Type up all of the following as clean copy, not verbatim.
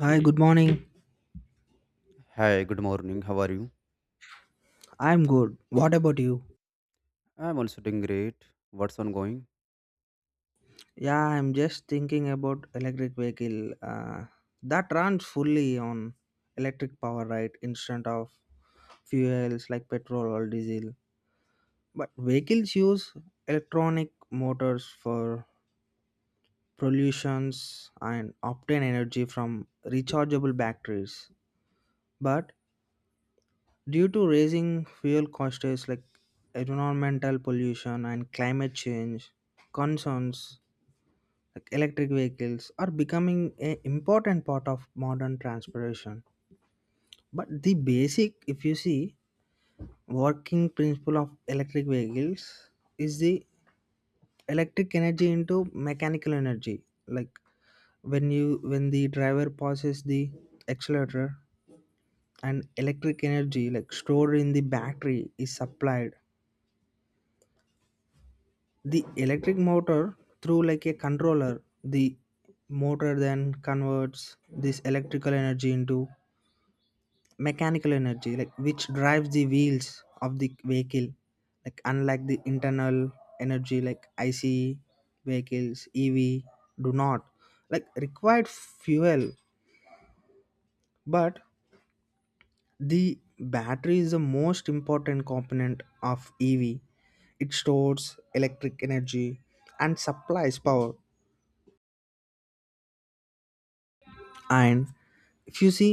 Hi, good morning. Hi, good morning. How are you? I'm good. What about you? I'm also doing great. What's on going? Yeah, I'm just thinking about electric vehicle that runs fully on electric power, right? Instead of fuels like petrol or diesel. But vehicles use electronic motors for pollutions and obtain energy from rechargeable batteries. But due to raising fuel costs like environmental pollution and climate change concerns, like electric vehicles are becoming an important part of modern transportation, but the basic, if you see, working principle of electric vehicles is the electric energy into mechanical energy, like when you when the driver passes the accelerator and electric energy like stored in the battery is supplied the electric motor through like a controller. The motor then converts this electrical energy into mechanical energy, like which drives the wheels of the vehicle, like unlike the internal energy like ICE vehicles. EV do not like required fuel, but the battery is the most important component of EV. It stores electric energy and supplies power. And if you see,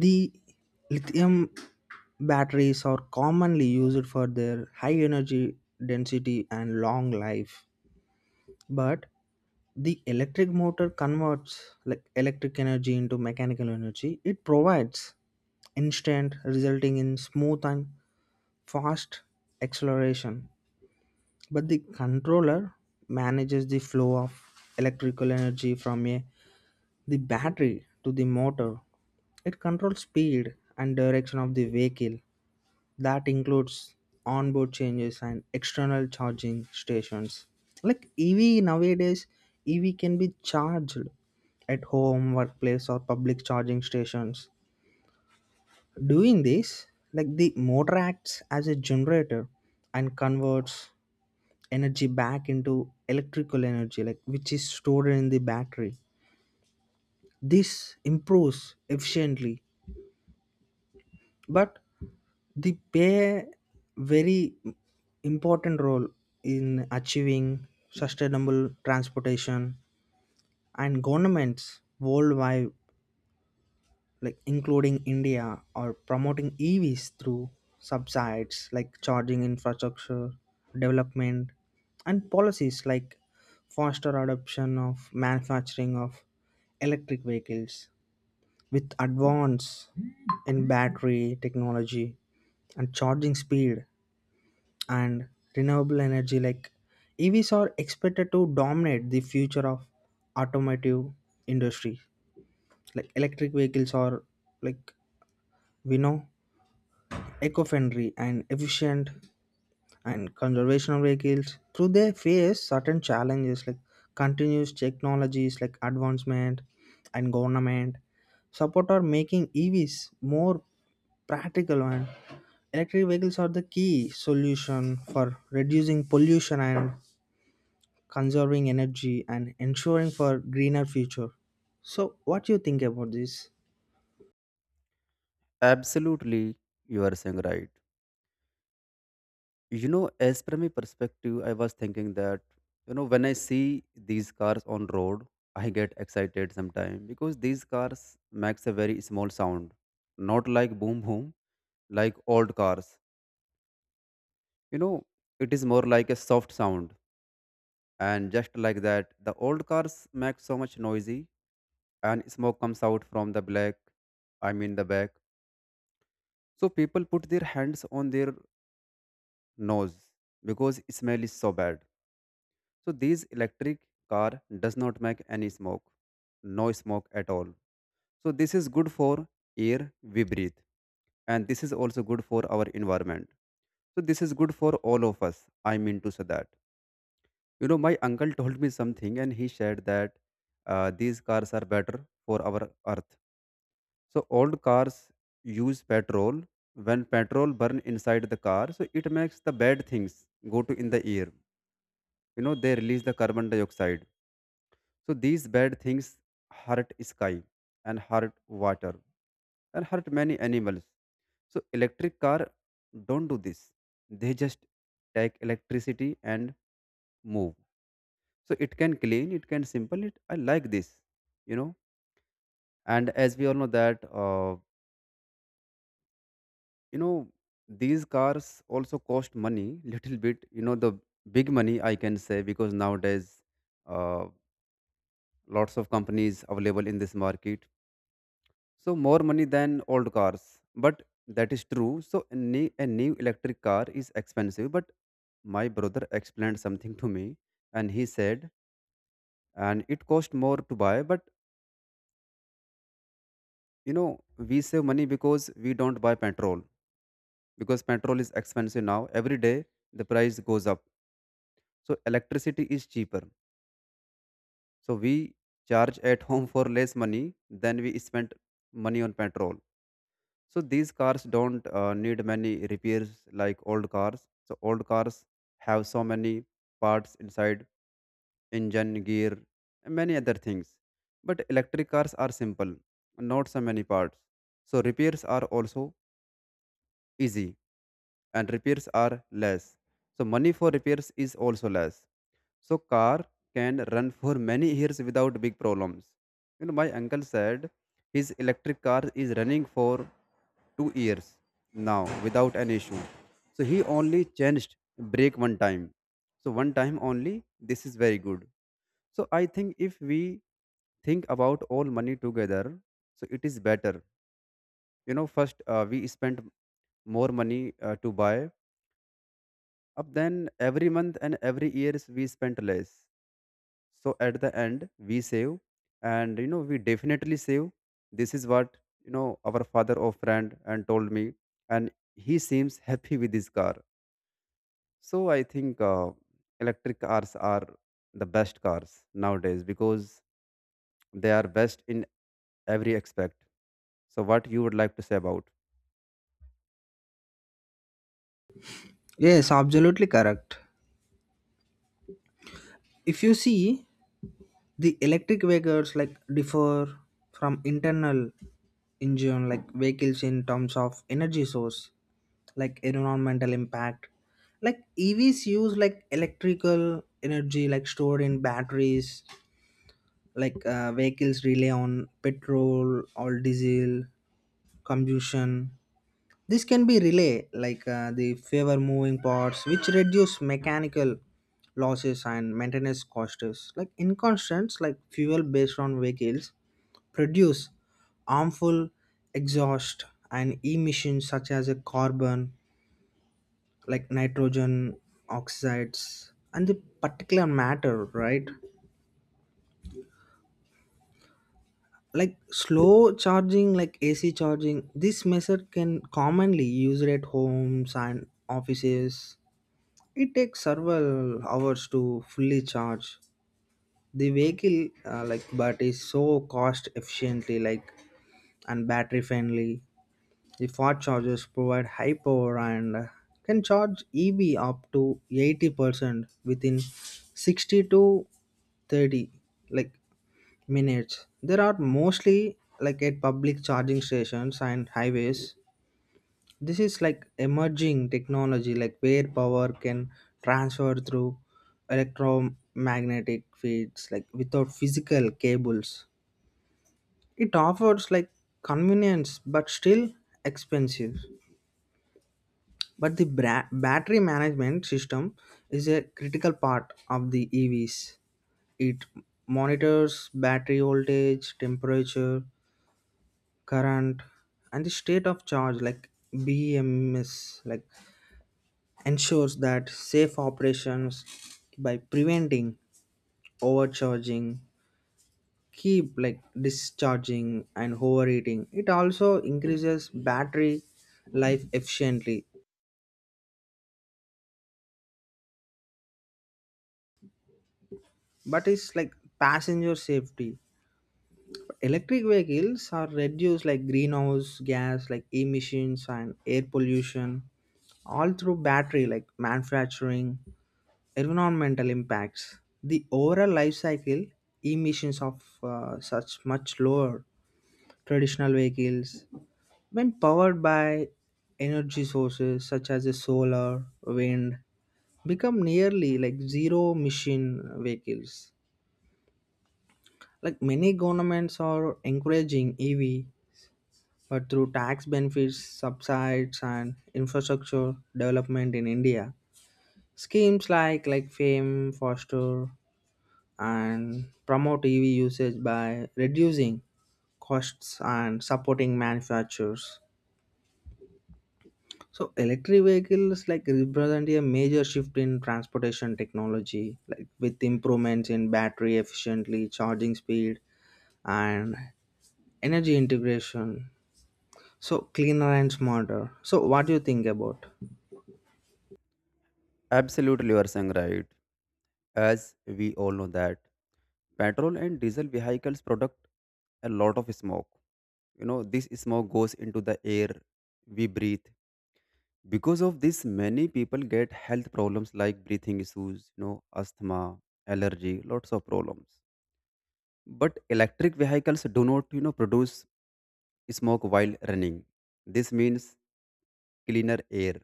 the lithium batteries are commonly used for their high energy density and long life. But the electric motor converts like electric energy into mechanical energy. It provides instant, resulting in smooth and fast acceleration. But the controller manages the flow of electrical energy from the battery to the motor. It controls speed and direction of the vehicle that includes onboard changes and external charging stations. Like EV nowadays, EV can be charged at home, workplace, or public charging stations. Doing this, like the motor acts as a generator and converts energy back into electrical energy, like which is stored in the battery. This improves efficiently. But they play very important role in achieving sustainable transportation, and governments worldwide, like including india, are promoting evs through subsides like charging infrastructure development and policies like faster adoption of manufacturing of electric vehicles, with advance in battery technology and charging speed and renewable energy, like evs are expected to dominate the future of automotive industry. Like electric vehicles are, like we know, eco-friendly and efficient and conservational vehicles through they face certain challenges, like continuous technologies like advancement and government support are making evs more practical, and electric vehicles are the key solution for reducing pollution and conserving energy and ensuring for greener future. So what you think about this? Absolutely, you are saying right. As per my perspective, I was thinking that, when I see these cars on road, I get excited sometimes because these cars makes a very small sound, not like boom boom, like old cars. You know, it is more like a soft sound. And just like that, the old cars make so much noisy and smoke comes out from the black, I mean the back. So people put their hands on their nose because smell is so bad. So this electric car does not make any smoke, no smoke at all. So this is good for air we breathe, and this is also good for our environment. So this is good for all of us. I mean to say that. My uncle told me something, and he said that these cars are better for our earth. So old cars use petrol. When petrol burn inside the car, so it makes the bad things go to in the air. They release the carbon dioxide. So these bad things hurt sky and hurt water and hurt many animals. So electric car don't do this. They just take electricity and move. So it can clean, it can simple it. I like this, you know. And as we all know that. You know these cars also cost money little bit, the big money I can say because nowadays uh, lots of companies available in this market, so more money than old cars. But that is true. So a new electric car is expensive, but my brother explained something to me and he said and it cost more to buy, but you know we save money because we don't buy petrol because petrol is expensive now every day the price goes up, so electricity is cheaper. So we charge at home for less money than we spent money on petrol. So these cars don't need many repairs like old cars. So old cars have so many parts inside engine, gear, and many other things. But electric cars are simple, not so many parts. So repairs are also easy and repairs are less. So money for repairs is also less. So car can run for many years without big problems. My uncle said his electric car is running for 2 years now without an issue. So he only changed brake one time. So one time only, this is very good. So I think if we think about all money together, so it is better. First we spent more money to buy, up then every month and every years we spent less. So at the end we save, and we definitely save. This is what our father or friend and told me, and he seems happy with his car. So I think electric cars are the best cars nowadays because they are best in every aspect. So what you would like to say about? Yes, absolutely correct. If you see, the electric vehicles like differ from internal engine like vehicles in terms of energy source, like environmental impact. Like EVs use like electrical energy like stored in batteries, like vehicles rely on petrol or diesel combustion. This can be relay like the favor moving parts which reduce mechanical losses and maintenance costs. Like in constants like fuel based on vehicles produce harmful exhaust and emissions such as a carbon like nitrogen oxides and the particular matter, right? Like slow charging, like AC charging, this method can commonly used at homes and offices. It takes several hours to fully charge the vehicle, like, but is so cost efficiently, like, and battery friendly. The fast chargers provide high power, and can charge EV up to 80% within 60 to 30 like minutes. There are mostly like at public charging stations and highways. This is like emerging technology, like where power can transfer through electromagnetic fields, like without physical cables. It offers like convenience but still expensive. But the battery management system is a critical part of the evs. It monitors battery voltage, temperature, current, and the state of charge, like BMS like ensures that safe operations by preventing overcharging, keep like discharging and overheating. It also increases battery life efficiently, but it's like passenger safety. Electric vehicles are reduced like greenhouse gas like emissions and air pollution all through battery like manufacturing environmental impacts. The overall life cycle emissions of such much lower traditional vehicles, when powered by energy sources such as a solar wind, become nearly like zero emission vehicles. Like many governments are encouraging ev but through tax benefits, subsidies, and infrastructure development in india, schemes like fame foster and promote EV usage by reducing costs and supporting manufacturers. So electric vehicles like represent a major shift in transportation technology, like with improvements in battery efficiently, charging speed, and energy integration. So cleaner and smarter. So what do you think about? Absolutely, you are saying right. As we all know that petrol and diesel vehicles product a lot of smoke, this smoke goes into the air we breathe. Because of this, many people get health problems like breathing issues, asthma, allergy, lots of problems. But electric vehicles do not produce smoke while running. This means cleaner air,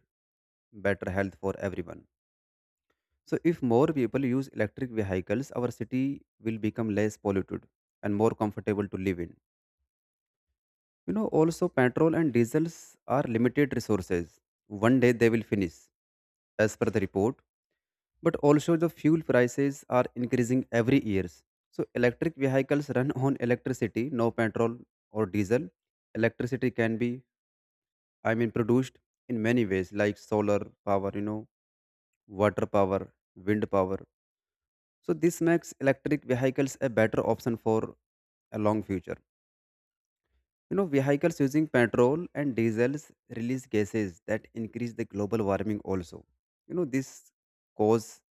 better health for everyone. So if more people use electric vehicles, our city will become less polluted and more comfortable to live in. Also petrol and diesels are limited resources. One day they will finish, as per the report. But also the fuel prices are increasing every year. So electric vehicles run on electricity, no petrol or diesel. Electricity can be, I mean, produced in many ways, like solar power, water power, wind power. So this makes electric vehicles a better option for a long future. Vehicles using petrol and diesels release gases that increase the global warming also. This cause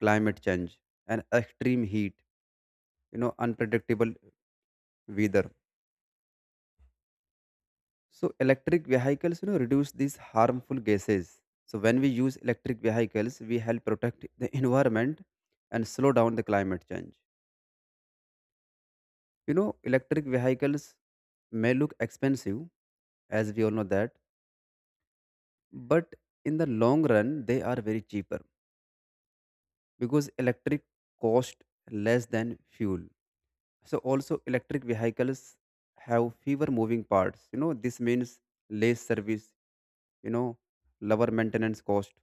climate change and extreme heat, unpredictable weather. So electric vehicles, reduce these harmful gases. So when we use electric vehicles, we help protect the environment and slow down the climate change. Electric vehicles may look expensive, as we all know that, but in the long run, they are very cheaper because electric cost less than fuel. So also electric vehicles have fewer moving parts, this means less service you know lower maintenance cost.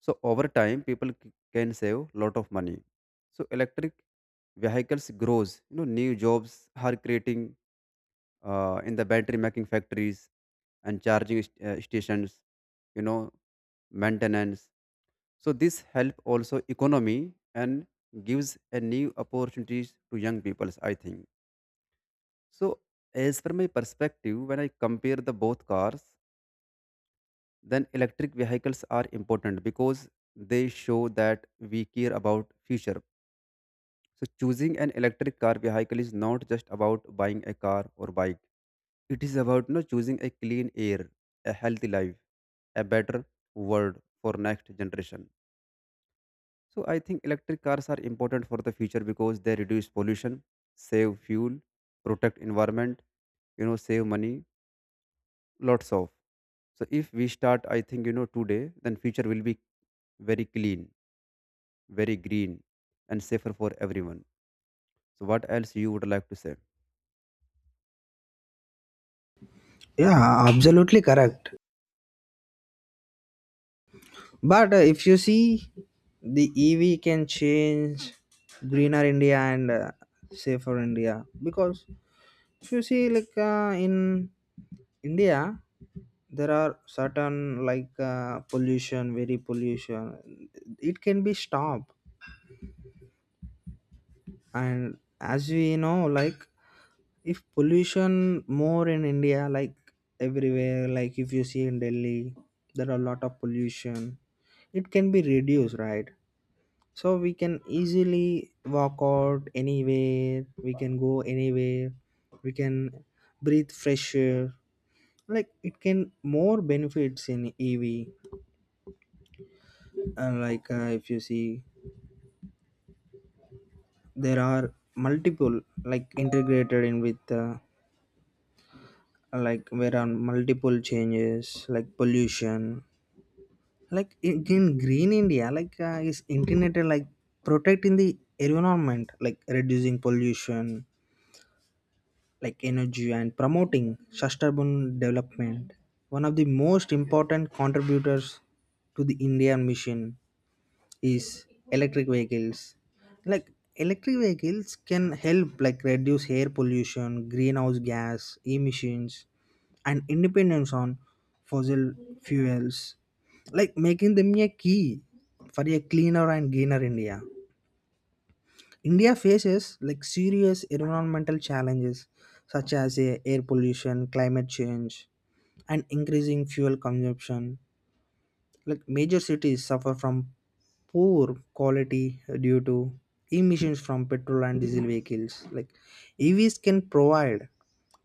So over time people can save lot of money. So electric vehicles grows, new jobs are creating in the battery making factories and charging stations, you know maintenance. So this help also economy and gives a new opportunities to young people, I think. So as per my perspective, when I compare the both cars, then electric vehicles are important because they show that we care about future. So choosing an electric car vehicle is not just about buying a car or bike. It is about choosing a clean air, a healthy life, a better world for next generation. So I think electric cars are important for the future because they reduce pollution, save fuel, protect environment, save money, lots of. So if we start, I think today, then future will be very clean, very green, and safer for everyone. So what else you would like to say? Yeah, absolutely correct. But if you see, the EV can change greener India, and safer India. Because if you see, like in India, there are certain like pollution, very pollution. It can be stopped, and as we know, like if pollution more in India, like everywhere, like if you see in Delhi, there are a lot of pollution. It can be reduced, right? So we can easily walk out anywhere, we can go anywhere, we can breathe fresh air, like it can more benefits in ev. Like if you see, there are multiple like integrated in with like where are multiple changes like pollution like in green india, like is integrated like protecting the environment, like reducing pollution, like energy and promoting sustainable development. One of the most important contributors to the indian mission is electric vehicles. Like electric vehicles can help like reduce air pollution, greenhouse gas emissions, and independence on fossil fuels, like making them a key for a cleaner and greener india. India faces like serious environmental challenges such as air pollution, climate change, and increasing fuel consumption. Like major cities suffer from poor quality due to emissions from petrol and diesel vehicles. Like EVs can provide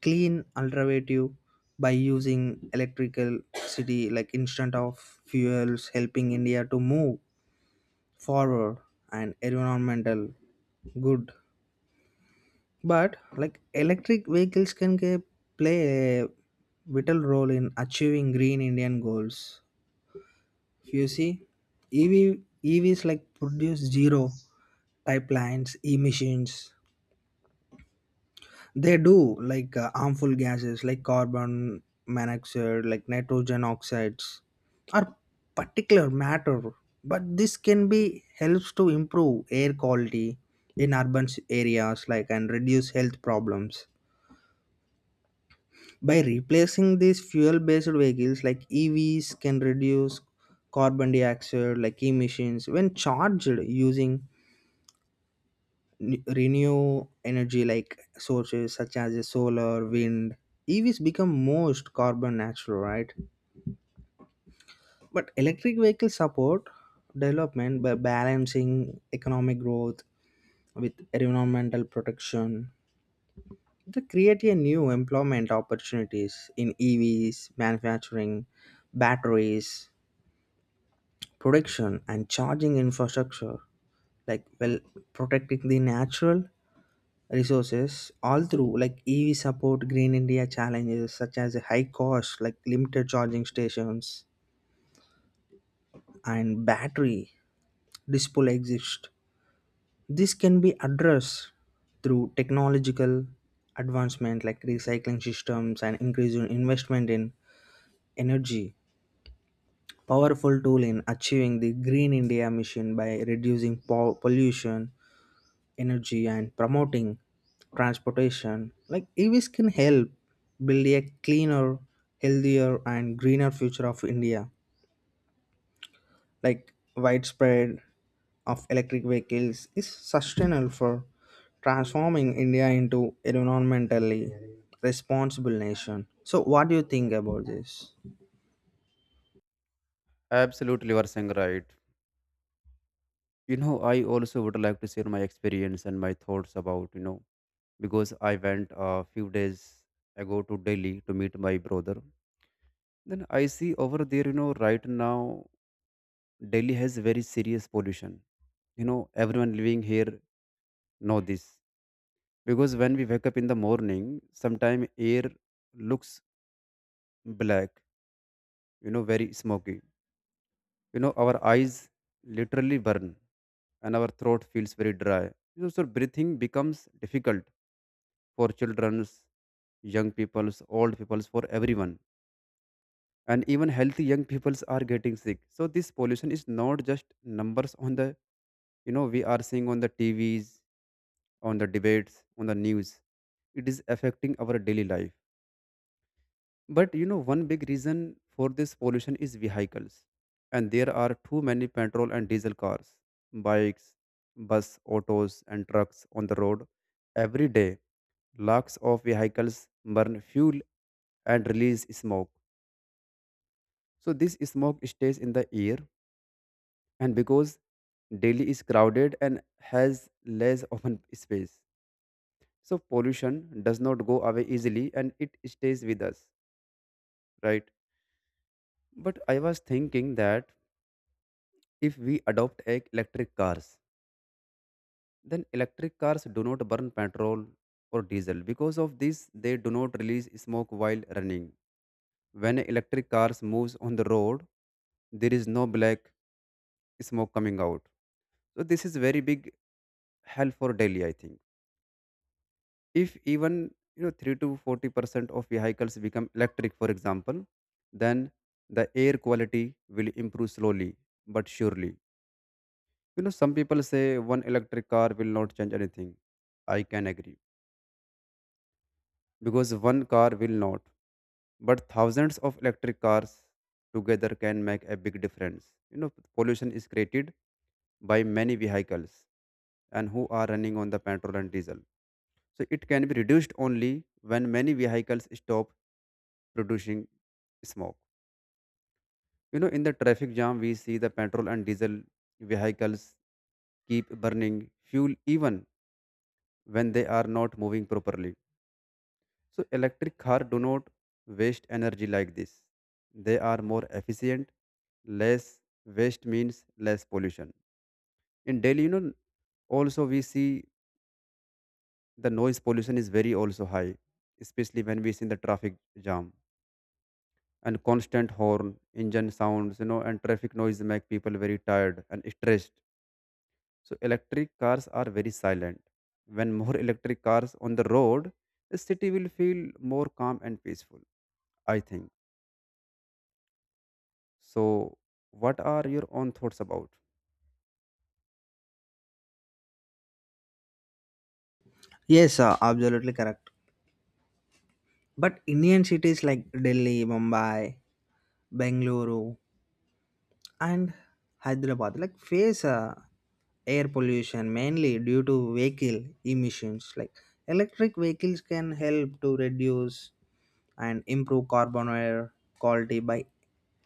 clean alternative by using electrical city like instead of fuels, helping India to move forward and environmental good. But like electric vehicles play a vital role in achieving green Indian goals. You see, EV EVs like produce zero pipelines emissions. They do like harmful gases like carbon monoxide, like nitrogen oxides, or particular matter. But this can be helps to improve air quality in urban areas, like and reduce health problems. By replacing these fuel-based vehicles, like EVs can reduce carbon dioxide like emissions when charged using renew energy like sources such as solar, wind. EVs become most carbon natural, right? But electric vehicles support development by balancing economic growth with environmental protection. They create a new employment opportunities in EVs, manufacturing, batteries, production, and charging infrastructure, like well protecting the natural resources, all through like ev support green india challenges such as high cost, like limited charging stations and battery disposal exist. This can be addressed through technological advancement, like recycling systems and increasing investment in energy, powerful tool in achieving the green india mission by reducing pollution energy and promoting transportation, like evs can help build a cleaner, healthier, and greener future of india. Like widespread of electric vehicles is sustainable for transforming india into an environmentally responsible nation. So what do you think about this? Absolutely, you are saying right. I also would like to share my experience and my thoughts about, because I went a few days ago to Delhi to meet my brother. Then I see over there, right now, Delhi has very serious pollution. Everyone living here know this because when we wake up in the morning, sometime air looks black. Very smoky. Our eyes literally burn, and our throat feels very dry. So breathing becomes difficult for childrens, young peoples, old peoples, for everyone. And even healthy young peoples are getting sick. So this pollution is not just numbers on the, we are seeing on the TVs, on the debates, on the news. It is affecting our daily life. But one big reason for this pollution is vehicles, and there are too many petrol and diesel cars, bikes, bus, autos and trucks on the road. Every day lakhs of vehicles burn fuel and release smoke. So this smoke stays in the air, and because Delhi is crowded and has less open space, so pollution does not go away easily and it stays with us, right? But I was thinking that if we adopt electric cars, then electric cars do not burn petrol or diesel. Because of this, they do not release smoke while running. When electric cars moves on the road, there is no black smoke coming out. So this is very big help for daily, I think. If even 3 to 40% of vehicles become electric, for example, then the air quality will improve slowly but surely. Some people say one electric car will not change anything. I can agree because one car will not, but thousands of electric cars together can make a big difference. Pollution is created by many vehicles and who are running on the petrol and diesel. So it can be reduced only when many vehicles stop producing smoke. In the traffic jam, we see the petrol and diesel vehicles keep burning fuel even when they are not moving properly. So electric car do not waste energy like this. They are more efficient. Less waste means less pollution. In Delhi, also we see the noise pollution is very also high, especially when we see in the traffic jam and constant horn, engine sounds, and traffic noise make people very tired and stressed. So electric cars are very silent. When more electric cars on the road, the city will feel more calm and peaceful, I think. So what are your own thoughts about? Yes, absolutely correct. But indian cities like delhi, mumbai, bengaluru, and Hyderabad like face air pollution mainly due to vehicle emissions. Like electric vehicles can help to reduce and improve carbon air quality by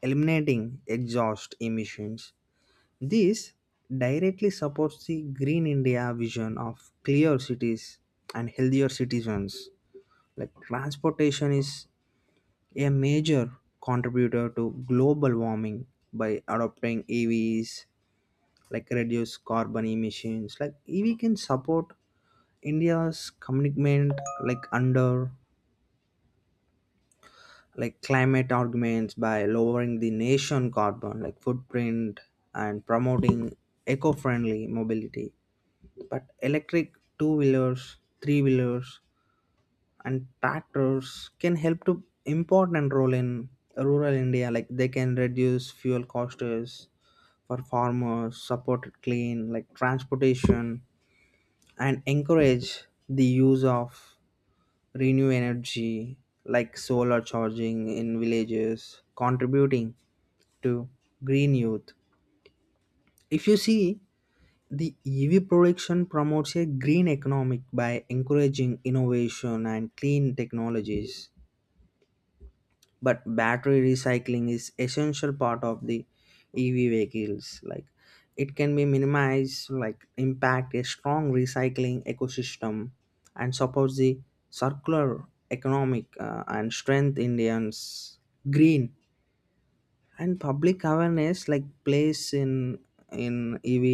eliminating exhaust emissions. This directly supports the Green India vision of clear cities and healthier citizens. Like transportation is a major contributor to global warming. By adopting EVs, like reduce carbon emissions, like ev can support india's commitment like under like climate arguments by lowering the nation carbon like footprint and promoting eco-friendly mobility. But electric two-wheelers, three-wheelers, and tractors can help to important role in rural india. Like they can reduce fuel costs for farmers, support clean like transportation, and encourage the use of renew energy like solar charging in villages, contributing to green youth. If you see, the ev production promotes a green economic by encouraging innovation and clean technologies. But battery recycling is essential part of the ev vehicles, like it can be minimized like impact. A strong recycling ecosystem and supports the circular economic and strength indians green. And public awareness like plays in ev,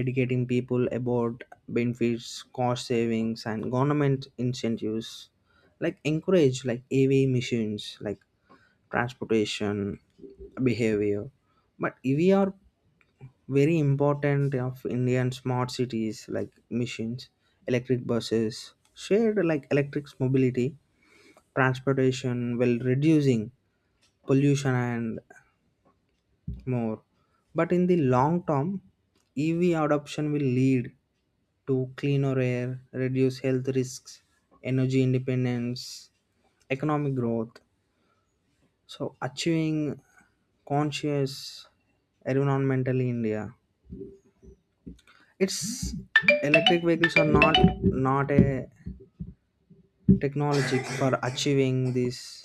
educating people about benefits, cost savings, and government incentives, like encourage like av missions like transportation behavior. But we are very important of indian smart cities, like machines, electric buses, shared like electric mobility transportation will reducing pollution and more. But in the long term, ev adoption will lead to cleaner air, reduce health risks, energy independence, economic growth. So achieving conscious environmental in India. It's electric vehicles are not a technology for achieving this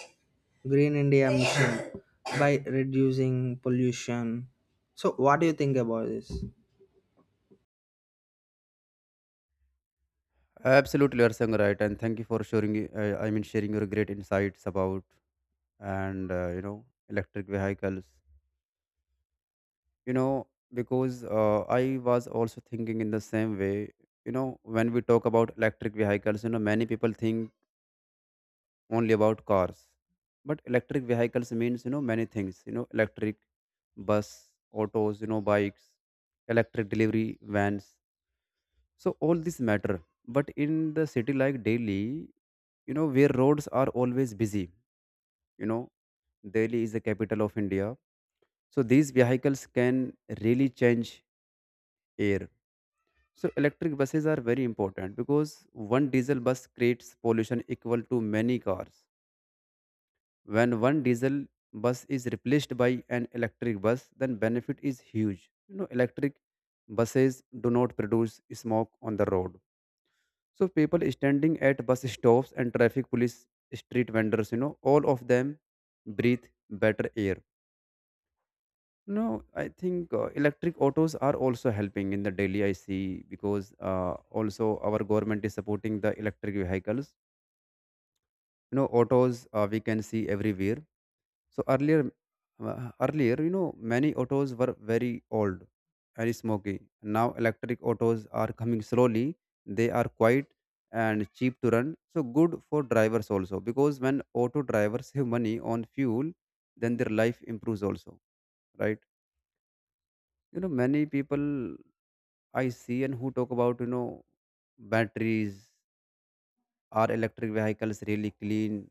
green India mission by reducing pollution. So what do you think about this? Absolutely, you are saying right, and thank you for sharing. I mean, sharing your great insights about and electric vehicles. you know because I was also thinking in the same way. When we talk about electric vehicles, many people think only about cars, but electric vehicles means many things, electric bus, autos, bikes, electric delivery vans. So all this matter. But in the city like Delhi, where roads are always busy, know Delhi is the capital of India. So these vehicles can really change air. So electric buses are very important because one diesel bus creates pollution equal to many cars. When one diesel bus is replaced by an electric bus, then benefit is huge. Electric buses do not produce smoke on the road. So people standing at bus stops and traffic police, street vendors, all of them breathe better air. No, I think electric autos are also helping in the daily I see because also our government is supporting the electric vehicles. Autos we can see everywhere. So earlier, many autos were very old, very smoky. Now electric autos are coming slowly. They are quiet and cheap to run. So good for drivers also because when auto drivers save money on fuel, then their life improves also, right? Many people I see and who talk about, batteries, are electric vehicles really clean?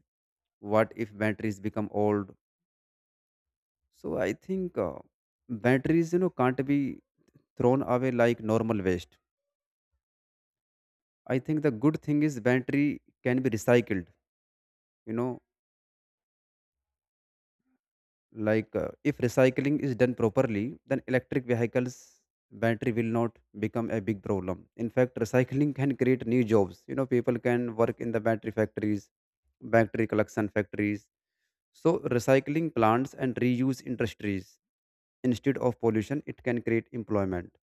What if batteries become old? So I think batteries, can't be thrown away like normal waste. I think the good thing is battery can be recycled, you know, like if recycling is done properly, then electric vehicles battery will not become a big problem. In fact recycling can create new jobs, people can work in the battery factories, battery collection factories, so recycling plants and reuse industries. Instead of pollution, it can create employment.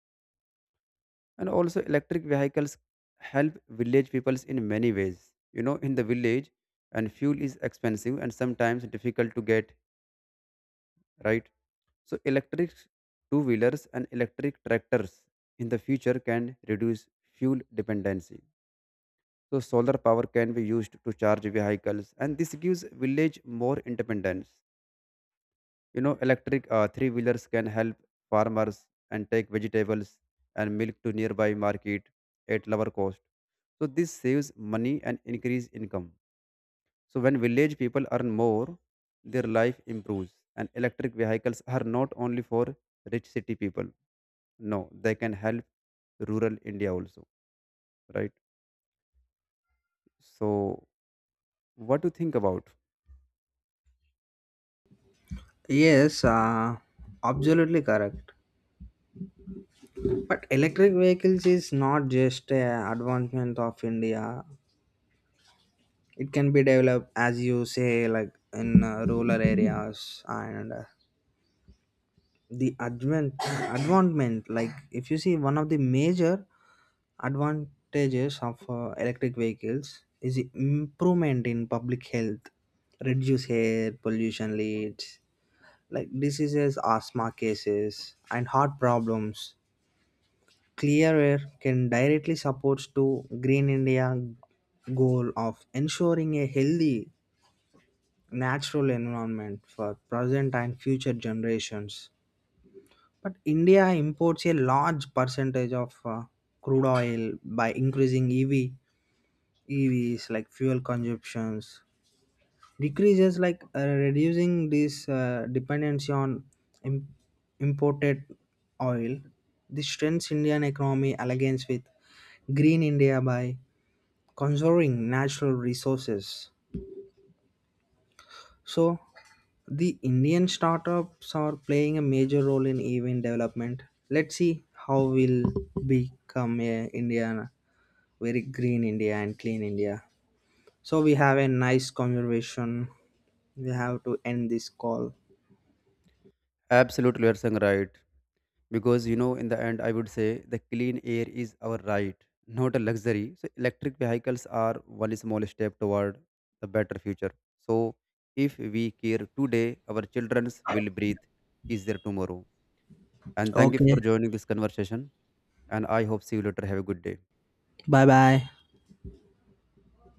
And also electric vehicles help village peoples in many ways, in the village and fuel is expensive and sometimes difficult to get, right? So electric two wheelers and electric tractors in the future can reduce fuel dependency. So solar power can be used to charge vehicles and this gives village more independence. Electric three wheelers can help farmers and take vegetables and milk to nearby market at lower cost. So this saves money and increase income. So when village people earn more, their life improves and electric vehicles are not only for rich city people. No, they can help rural India also, right? So, what do you think about? Yes, absolutely correct. But electric vehicles is not just a advancement of India. It can be developed as you say, like in rural areas, and the advent advancement. Like if you see, one of the major advantages of electric vehicles is the improvement in public health, reduce air pollution leads, like diseases, asthma cases, and heart problems. Clear air can directly supports to Green India goal of ensuring a healthy natural environment for present and future generations. But India imports a large percentage of crude oil. By increasing EV EVs like fuel consumptions decreases like reducing this dependency on im- imported oil. This strengthens Indian economy alliance with Green India by conserving natural resources. So, the Indian startups are playing a major role in event development. Let's see how we'll become a Indian, very green India and clean India. So we have a nice conversation. We have to end this call. Absolutely, you're saying right. Because, in the end, I would say the clean air is our right, not a luxury. So, electric vehicles are one small step toward the better future. So, if we care today, our children's will breathe easier tomorrow. And thank you for Okay. joining this conversation. And I hope see you later. Have a good day. Bye bye.